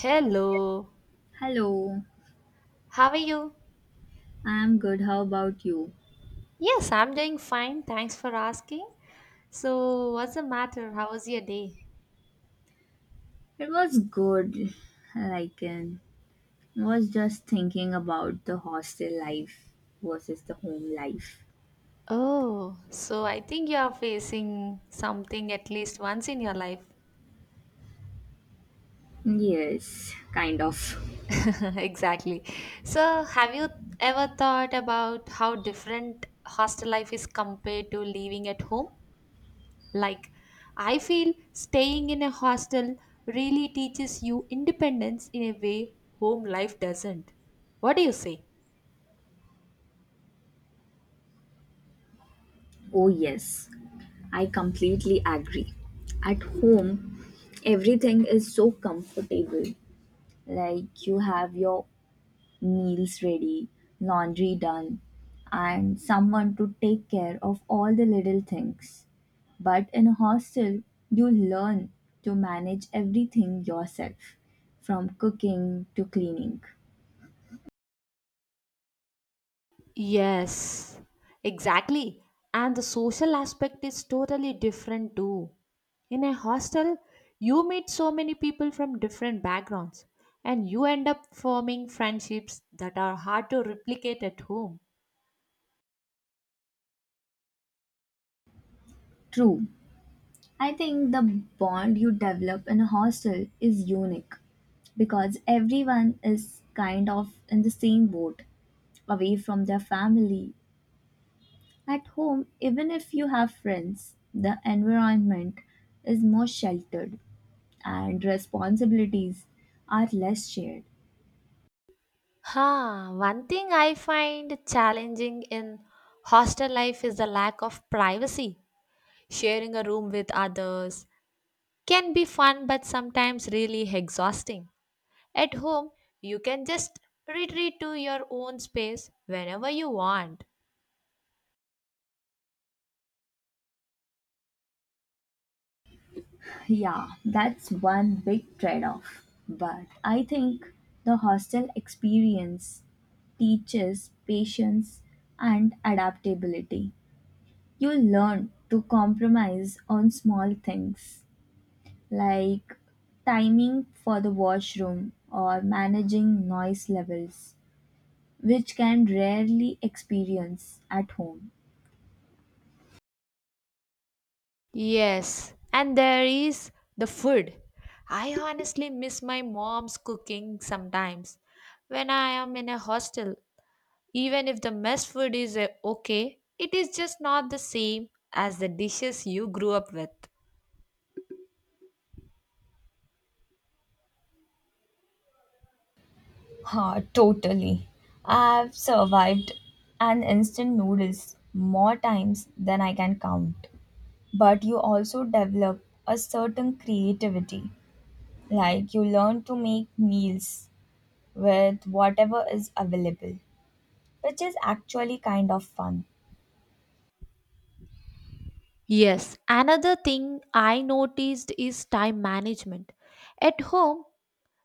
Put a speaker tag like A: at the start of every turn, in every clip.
A: Hello,
B: Hello,
A: how are you?
B: I'm good. How about you?
A: Yes, I'm doing fine. Thanks for asking. So, what's the matter? How was your day?
B: It was good. Like, um, I was just thinking about the hostel life versus the home life.
A: Oh, so I think you are facing something at least once in your life.
B: Yes, kind of.
A: Exactly. So, have you ever thought about how different hostel life is compared to living at home? Like, I feel staying in a hostel really teaches you independence in a way home life doesn't. What do you say?
B: Oh, yes, I completely agree. At home, everything is so comfortable. Like, you have your meals ready, laundry done, and someone to take care of all the little things. But in a hostel, you learn to manage everything yourself, from cooking to cleaning.
A: Yes, exactly. And the social aspect is totally different too. In a hostel, you meet so many people from different backgrounds and you end up forming friendships that are hard to replicate at home.
B: True, I think the bond you develop in a hostel is unique because everyone is kind of in the same boat, away from their family. At home, even if you have friends, the environment is more sheltered and responsibilities are less shared.
A: Huh, one thing I find challenging in hostel life is the lack of privacy. Sharing a room with others can be fun but sometimes really exhausting. At home, you can just retreat to your own space whenever you want.
B: Yeah, that's one big trade off. But I think the hostel experience teaches patience and adaptability. You learn to compromise on small things like timing for the washroom or managing noise levels which can rarely experience at home.
A: Yes, and there is the food. I honestly miss my mom's cooking sometimes when I am in a hostel. Even if the mess food is okay, it is just not the same as the dishes you grew up with.
B: Ha, totally. I've survived an instant noodles more times than I can count. But you also develop a certain creativity. Like you learn to make meals with whatever is available, which is actually kind of fun.
A: Yes, another thing I noticed is time management. At home,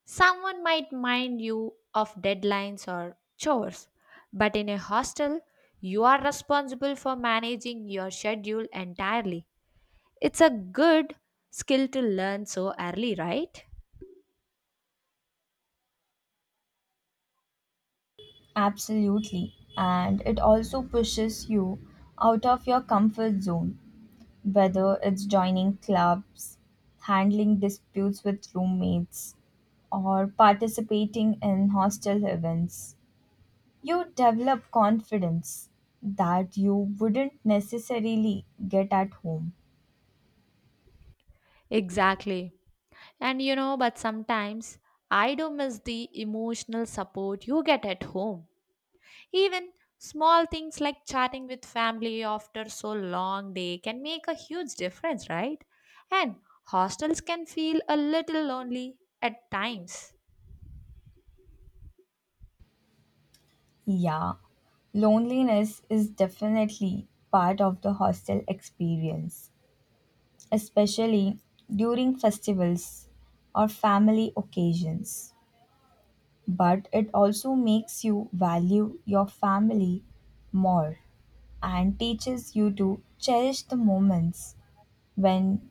A: someone might mind you of deadlines or chores, but in a hostel, you are responsible for managing your schedule entirely. It's a good skill to learn so early, right?
B: Absolutely. And it also pushes you out of your comfort zone whether it's joining clubs, handling disputes with roommates, or participating in hostel events, you develop confidence that you wouldn't necessarily get at home.
A: Exactly. And you know, but sometimes I do miss the emotional support you get at home. Even small things like chatting with family after so long day can make a huge difference, right? And hostels can feel a little lonely at times.
B: Yeah, loneliness is definitely part of the hostel experience, especially during festivals or family occasions, but it also makes you value your family more and teaches you to cherish the moments when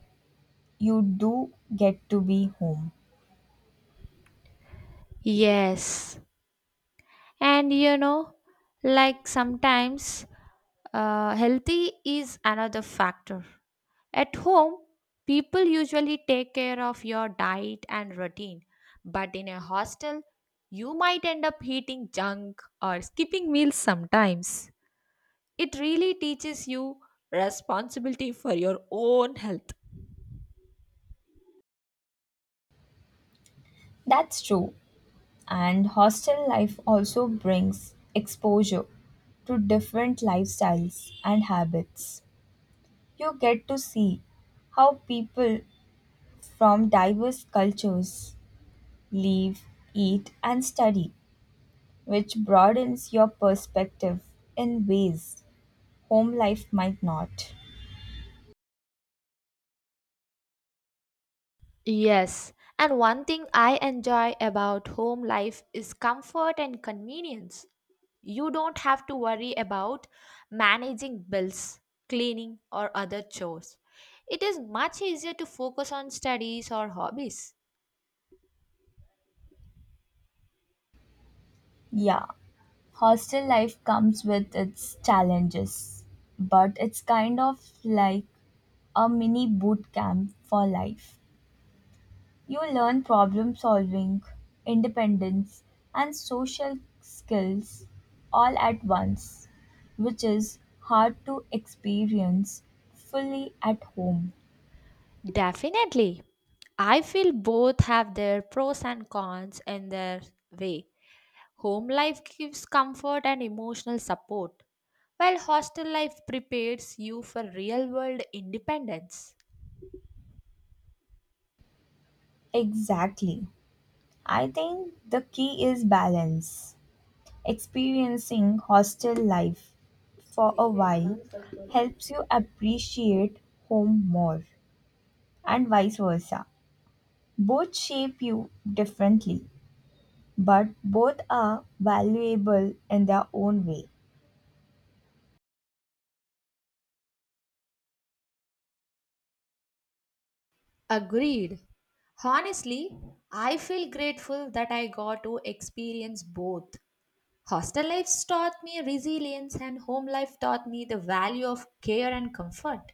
B: you do get to be home.
A: Yes. And you know, like sometimes healthy is another factor. At home, people usually take care of your diet and routine, but in a hostel, you might end up eating junk or skipping meals sometimes. It really teaches you responsibility for your own health.
B: That's true. And hostel life also brings exposure to different lifestyles and habits. You get to see how people from diverse cultures live, eat, and study which broadens your perspective in ways home life might not.
A: Yes, and one thing I enjoy about home life is comfort and convenience. You don't have to worry about managing bills, cleaning, or other chores. It is much easier to focus on studies or hobbies.
B: Yeah, hostel life comes with its challenges, but it's kind of like a mini boot camp for life. You learn problem solving, independence, and social skills all at once, which is hard to experience fully at home.
A: Definitely. I feel both have their pros and cons in their way. Home life gives comfort and emotional support, while hostel life prepares you for real world independence.
B: Exactly. I think the key is balance. Experiencing hostel life for a while helps you appreciate home more, and vice versa. Both shape you differently, but both are valuable in their own way.
A: Agreed. Honestly, I feel grateful that I got to experience both. Hostel life taught me resilience, and home life taught me the value of care and comfort.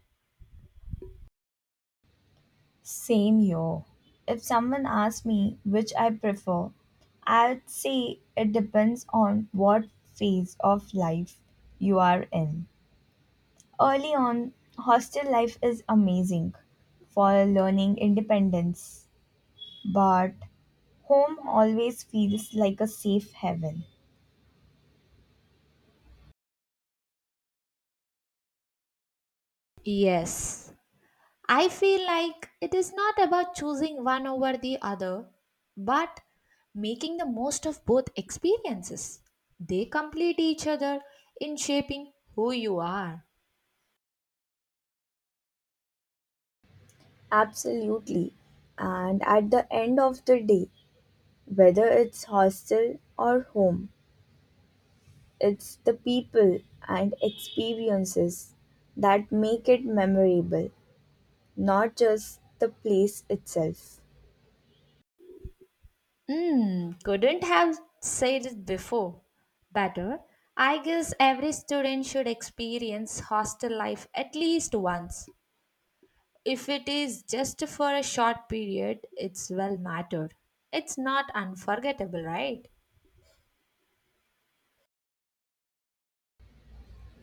B: Same here. If someone asks me which I prefer, I'd say it depends on what phase of life you are in. Early on, hostel life is amazing for learning independence, but home always feels like a safe haven.
A: Yes. I feel like it is not about choosing one over the other, but making the most of both experiences. They complete each other in shaping who you are.
B: Absolutely. And at the end of the day, whether it's hostel or home, it's the people and experiences that make it memorable, not just the place itself.
A: Mm, couldn't have said it before. Better, I guess every student should experience hostel life at least once. If it is just for a short period, it's well mattered. It's not unforgettable, right?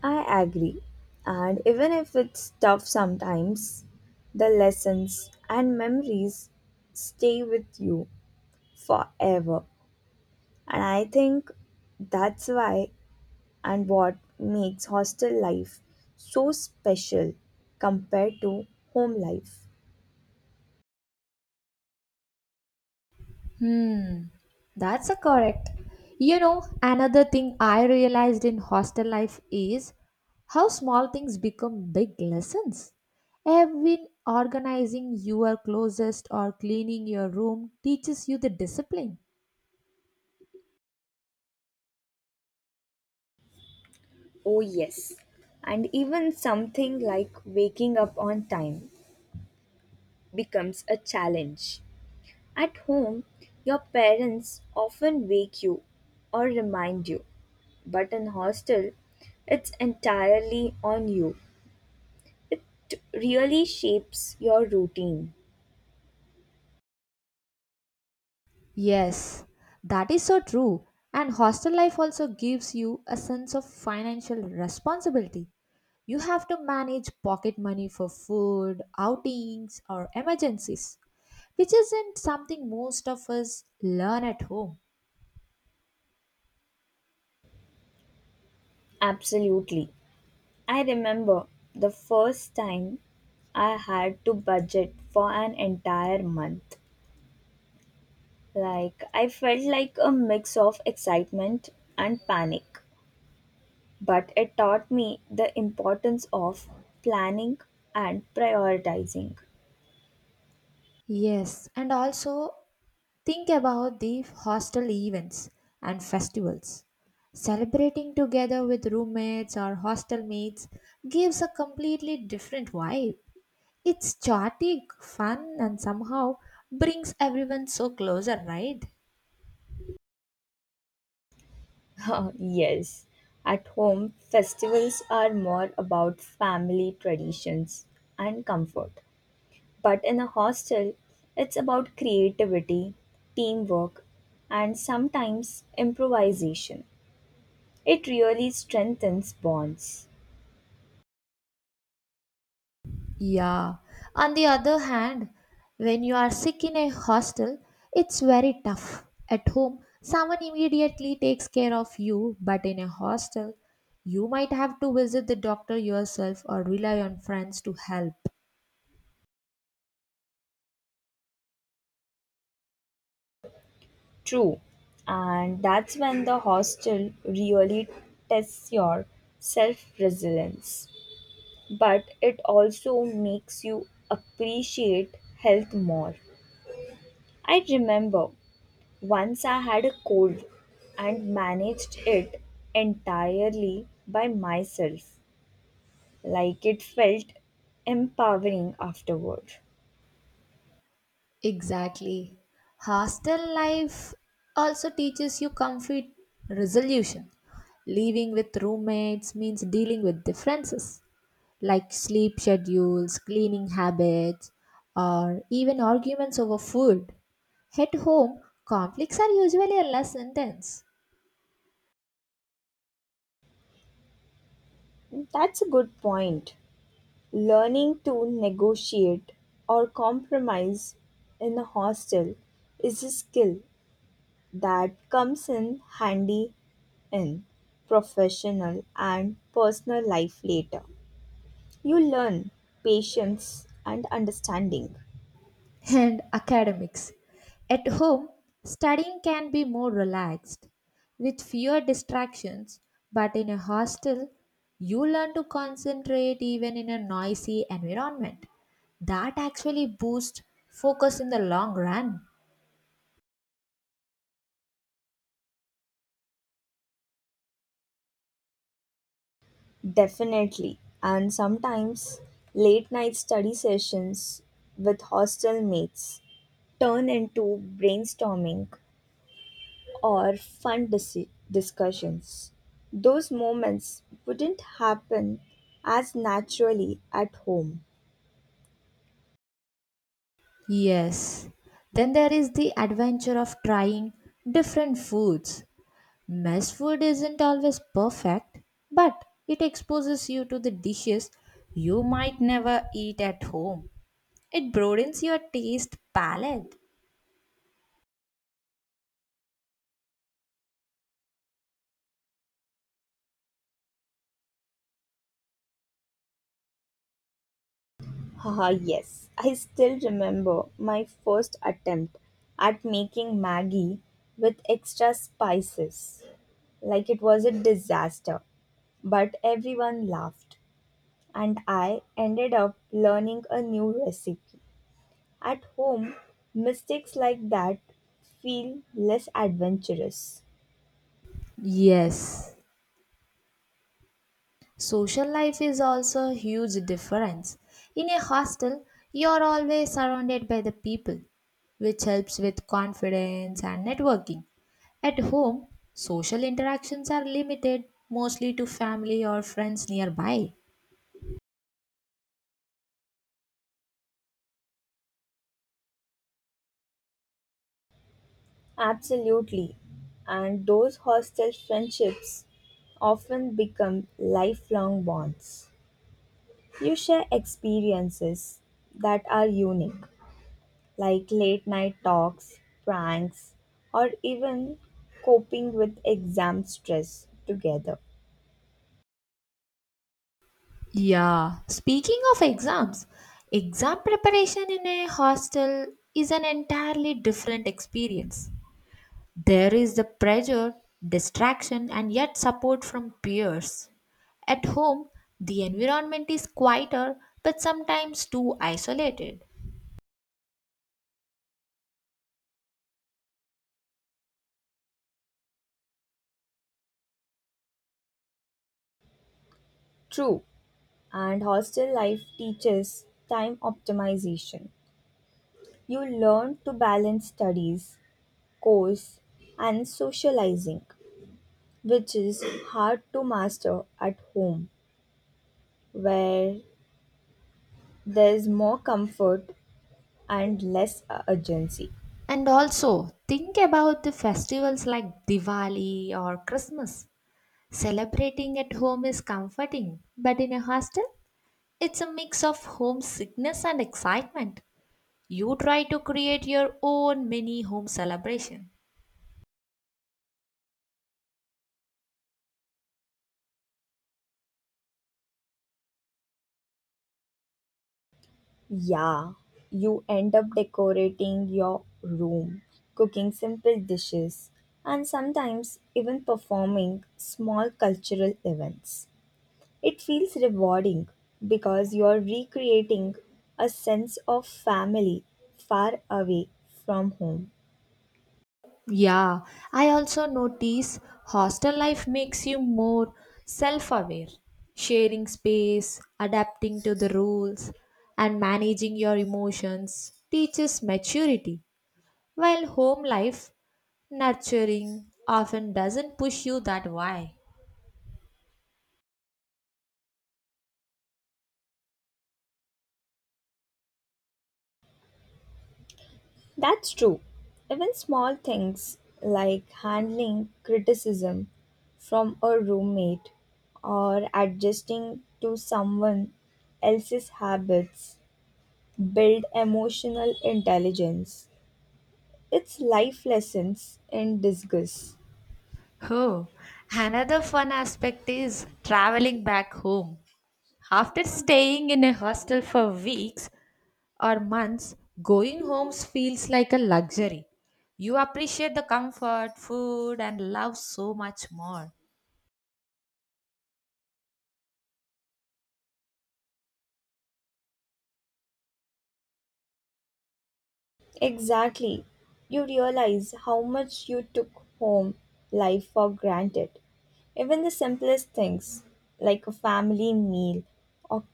B: I agree. And even if it's tough sometimes, the lessons and memories stay with you forever. And I think that's why and what makes hostel life so special compared to home life.
A: Hmm, that's a correct. You know, another thing I realized in hostel life is how small things become big lessons. Even organizing your closest or cleaning your room teaches you the discipline.
B: Oh, yes. And even something like waking up on time becomes a challenge. At home, your parents often wake you or remind you, but in hostel, it's entirely on you. It really shapes your routine.
A: Yes, that is so true. And hostel life also gives you a sense of financial responsibility. You have to manage pocket money for food, outings, or emergencies, which isn't something most of us learn at home.
B: Absolutely. I remember the first time I had to budget for an entire month. Like, I felt like a mix of excitement and panic, but it taught me the importance of planning and prioritizing.
A: Yes, and also think about the hostel events and festivals. Celebrating together with roommates or hostel mates gives a completely different vibe. It's chaotic, fun, and somehow brings everyone so closer, right?
B: Yes. At home, festivals are more about family traditions and comfort. But in a hostel, it's about creativity, teamwork, and sometimes improvisation. It really strengthens bonds.
A: Yeah. On the other hand, when you are sick in a hostel, it's very tough. At home, someone immediately takes care of you, but in a hostel, you might have to visit the doctor yourself or rely on friends to help.
B: True. And that's when the hostel really tests your self resilience. But it also makes you appreciate health more. I remember once I had a cold and managed it entirely by myself. Like it felt empowering afterward.
A: Exactly. Hostel life also teaches you conflict resolution. Living with roommates means dealing with differences, like sleep schedules, cleaning habits, or even arguments over food. At home, conflicts are usually less intense.
B: That's a good point. Learning to negotiate or compromise in a hostel is a skill that comes in handy in professional and personal life later. You learn patience and understanding.
A: And academics. At home, studying can be more relaxed with fewer distractions, but in a hostel, you learn to concentrate even in a noisy environment. That actually boosts focus in the long run.
B: Definitely. And sometimes late night study sessions with hostel mates turn into brainstorming or fun discussions. Those moments wouldn't happen as naturally at home.
A: Yes. Then there is the adventure of trying different foods. Mess food isn't always perfect, but it exposes you to the dishes you might never eat at home. It broadens your taste palette.
B: Haha, yes, I still remember my first attempt at making Maggie with extra spices. Like it was a disaster, but everyone laughed and I ended up learning a new recipe. At home, mistakes like that feel less adventurous.
A: Yes. Social life is also a huge difference. In a hostel, you're always surrounded by the people, which helps with confidence and networking. At home, social interactions are limited mostly to family or friends nearby.
B: Absolutely. And those hostel friendships often become lifelong bonds. You share experiences that are unique, like late night talks, pranks, or even coping with exam stress together.
A: Yeah, speaking of exams, exam preparation in a hostel is an entirely different experience. There is the pressure, distraction, and yet support from peers. At home, the environment is quieter but sometimes too isolated.
B: True, and hostel life teaches time optimization. You learn to balance studies, course, and socializing, which is hard to master at home, where there's more comfort and less urgency.
A: And also, think about the festivals like Diwali or Christmas. Celebrating at home is comforting, but in a hostel, it's a mix of homesickness and excitement. You try to create your own mini home celebration.
B: Yeah, you end up decorating your room, cooking simple dishes, and sometimes even performing small cultural events. It feels rewarding because you're recreating a sense of family far away from home.
A: Yeah, I also notice hostel life makes you more self aware, sharing space, adapting to the rules, and managing your emotions teaches maturity, while home life, nurturing, often doesn't push you that way.
B: That's true. Even small things like handling criticism from a roommate or adjusting to someone else's habits build emotional intelligence. It's life lessons in disguise.
A: Oh, another fun aspect is traveling back home. After staying in a hostel for weeks, or months, going homes feels like a luxury. You appreciate the comfort, food, and love so much more.
B: Exactly. You realize how much you took home life for granted. Even the simplest things, like a family meal or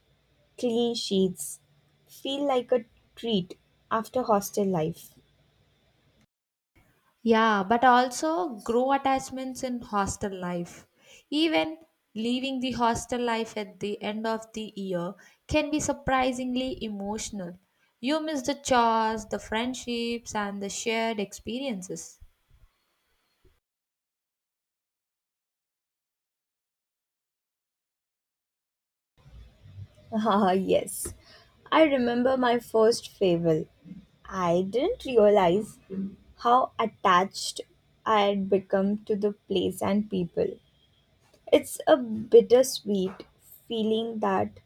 B: clean sheets, feel like a treat after hostel life.
A: Yeah, but also grow attachments in hostel life. Even leaving the hostel life at the end of the year can be surprisingly emotional. You miss the chores, the friendships, and the shared experiences.
B: Ah, yes. I remember my first fable. I didn't realize how attached I had become to the place and people. It's a bittersweet feeling that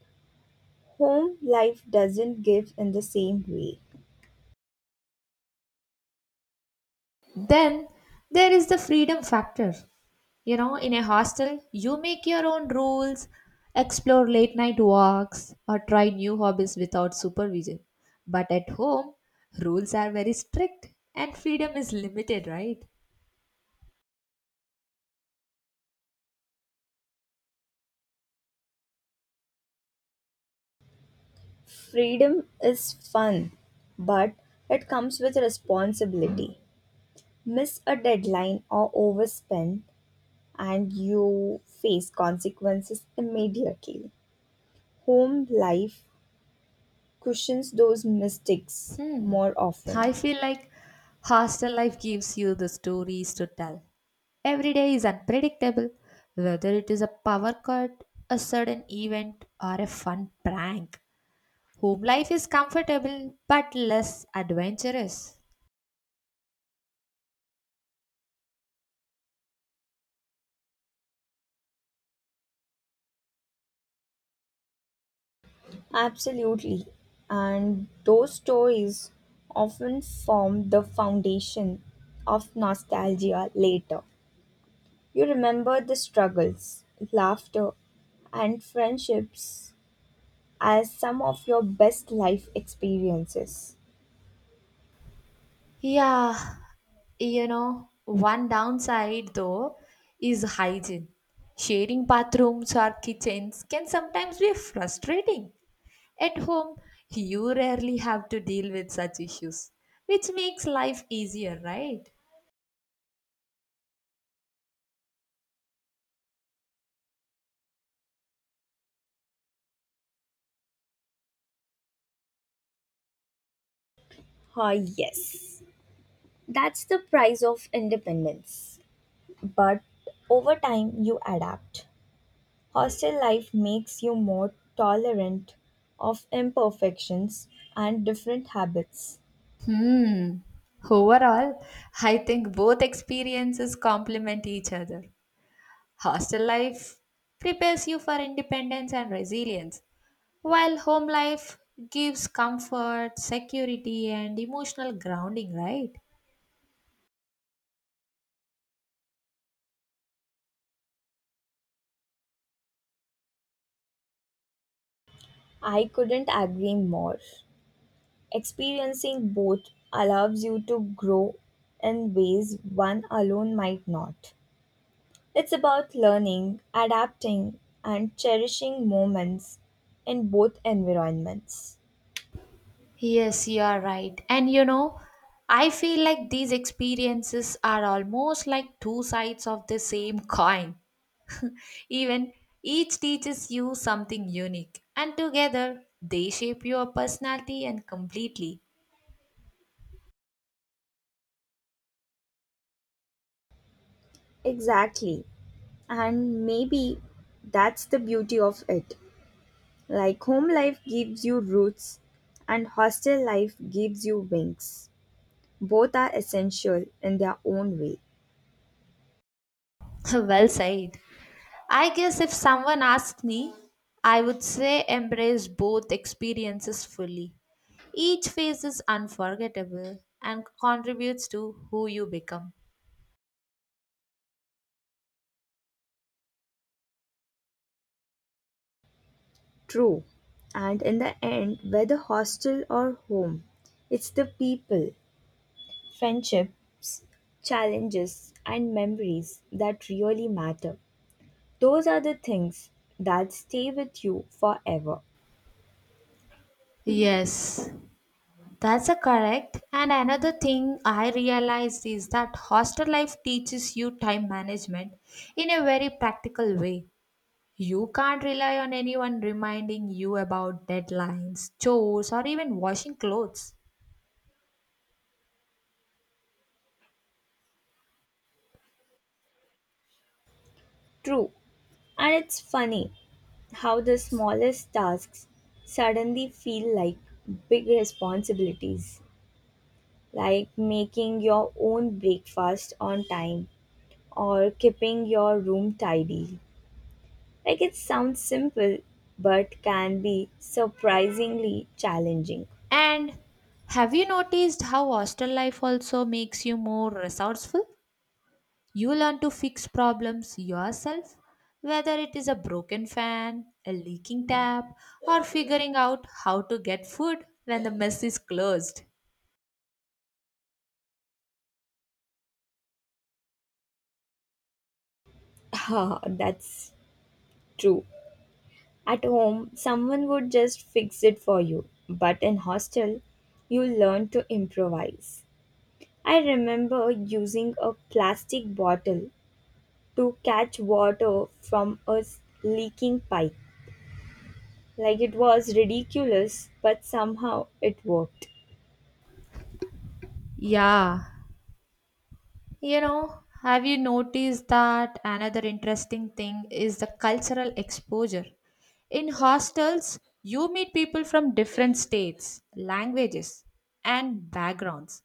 B: home life doesn't give in the same way.
A: Then there is the freedom factor. You know, in a hostel, you make your own rules, explore late night walks, or try new hobbies without supervision. But at home, rules are very strict and freedom is limited, right?
B: Freedom is fun, but it comes with responsibility. Miss a deadline or overspend, and you face consequences immediately. Home life cushions those mistakes
A: Hmm.
B: more often.
A: I feel like hostel life gives you the stories to tell. Every day is unpredictable, whether it is a power cut, a sudden event, or a fun prank. Home life is comfortable but less adventurous.
B: Absolutely. And those stories often form the foundation of nostalgia later. You remember the struggles, laughter, and friendships as some of your best life experiences.
A: Yeah, you know, one downside though is hygiene. Sharing bathrooms or kitchens can sometimes be frustrating. At home, you rarely have to deal with such issues, which makes life easier, right?
B: Ah, yes. That's the price of independence. But over time, you adapt. Hostel life makes you more tolerant of imperfections and different habits.
A: Hmm. Overall, I think both experiences complement each other. Hostel life prepares you for independence and resilience, while home life gives comfort, security, and emotional grounding, right?
B: I couldn't agree more. Experiencing both allows you to grow in ways one alone might not. It's about learning, adapting, and cherishing moments in both environments.
A: Yes, you are right. And you know, I feel like these experiences are almost like two sides of the same coin. Even each teaches you something unique, and together they shape your personality and completely.
B: Exactly. And maybe that's the beauty of it. Like home life gives you roots and hostel life gives you wings. Both are essential in their own way.
A: Well said. I guess if someone asked me, I would say embrace both experiences fully. Each phase is unforgettable and contributes to who you become.
B: True. And in the end, whether hostel or home, it's the people, friendships, challenges, and memories that really matter. Those are the things that stay with you forever.
A: Yes, that's a correct. And another thing I realized is that hostel life teaches you time management in a very practical way. You can't rely on anyone reminding you about deadlines, chores, or even washing clothes.
B: True. And it's funny how the smallest tasks suddenly feel like big responsibilities, like making your own breakfast on time or keeping your room tidy. Like it sounds simple, but can be surprisingly challenging.
A: And have you noticed how hostel life also makes you more resourceful? You learn to fix problems yourself, whether it is a broken fan, a leaking tap, or figuring out how to get food when the mess is closed.
B: Ha, that's true. At home, someone would just fix it for you, but in hostel, you learn to improvise. I remember using a plastic bottle to catch water from a leaking pipe. Like it was ridiculous, but somehow it worked.
A: Yeah, you know, have you noticed that another interesting thing is the cultural exposure? In hostels, you meet people from different states, languages, and backgrounds.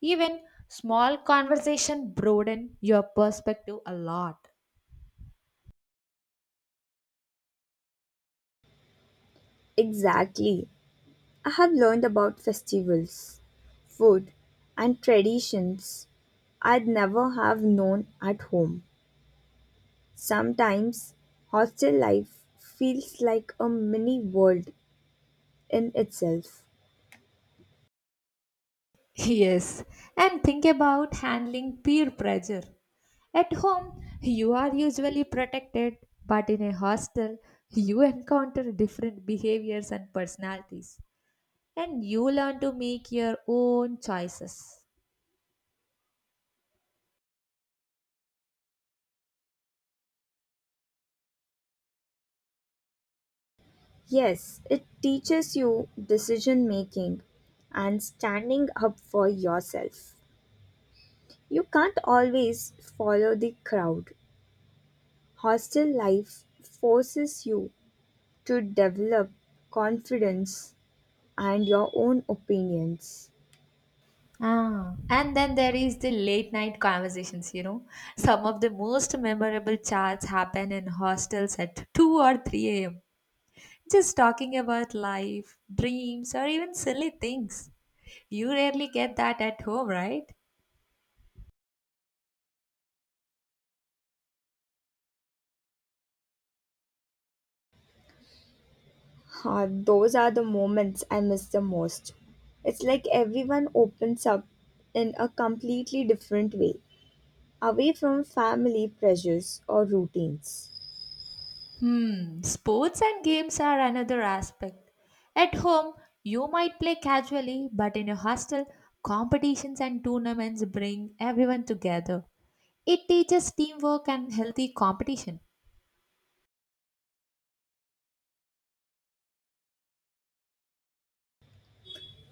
A: Even small conversation broaden your perspective a lot.
B: Exactly. I have learned about festivals, food, and traditions I'd never have known at home. Sometimes hostel life feels like a mini world in itself.
A: Yes, and think about handling peer pressure. At home, you are usually protected, but in a hostel, you encounter different behaviors and personalities, and you learn to make your own choices.
B: Yes, it teaches you decision making and standing up for yourself. You can't always follow the crowd. Hostel life forces you to develop confidence and your own opinions.
A: Ah, and then there is the late night conversations, you know. Some of the most memorable chats happen in hostels at 2 or 3 a.m. Just talking about life, dreams, or even silly things. You rarely get that at home, right?
B: Ah, those are the moments I miss the most. It's like everyone opens up in a completely different way, away from family pressures or routines.
A: Hmm, sports and games are another aspect. At home, you might play casually, but in a hostel, competitions and tournaments bring everyone together. It teaches teamwork and healthy competition.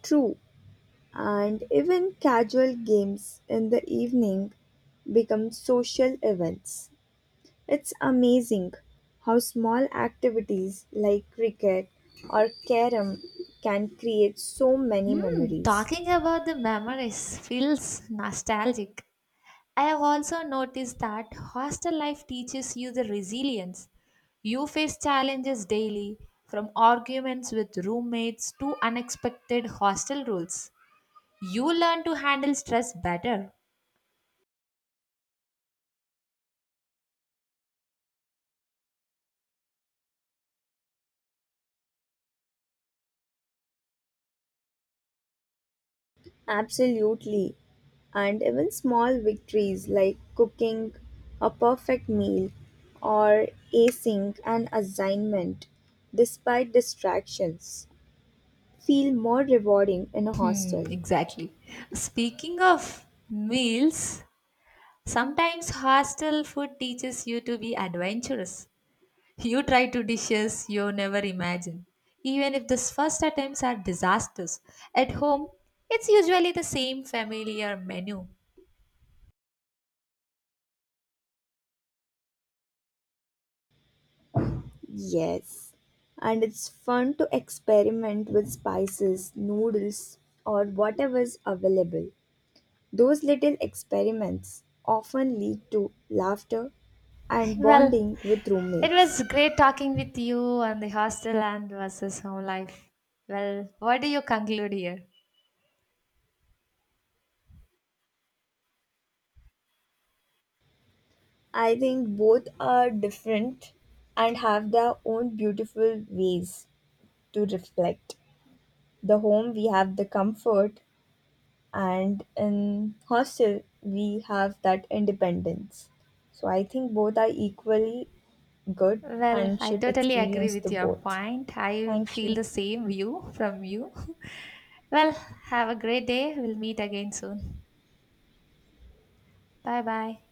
B: True, and even casual games in the evening become social events. It's amazing how small activities like cricket or carom can create so many
A: Hmm,
B: memories.
A: talking about the memories feels nostalgic. I have also noticed that hostel life teaches you the resilience. You face challenges daily, from arguments with roommates to unexpected hostel rules. You learn to handle stress better.
B: Absolutely. And even small victories like cooking a perfect meal or acing an assignment, despite distractions, feel more rewarding in a
A: Hmm,
B: hostel.
A: exactly. Speaking of meals, sometimes hostel food teaches you to be adventurous. You try to dishes you never imagine. Even if the first attempts are disasters, at home it's usually the same familiar menu.
B: Yes. And it's fun to experiment with spices, noodles, or whatever's available. Those little experiments often lead to laughter and
A: Well,
B: bonding with
A: it
B: roommates.
A: was great talking with you on the hostel and versus home life. Well, what do you conclude here?
B: I think both are different and have their own beautiful ways to reflect. The home, we have the comfort, and in hostel, we have that independence. So I think both are equally good
A: Well,
B: and
A: I
B: should
A: totally agree
B: experience the
A: with your
B: both.
A: point. I
B: Thank
A: feel
B: you.
A: the same view from you. Well, have a great day. We'll meet again soon. Bye bye.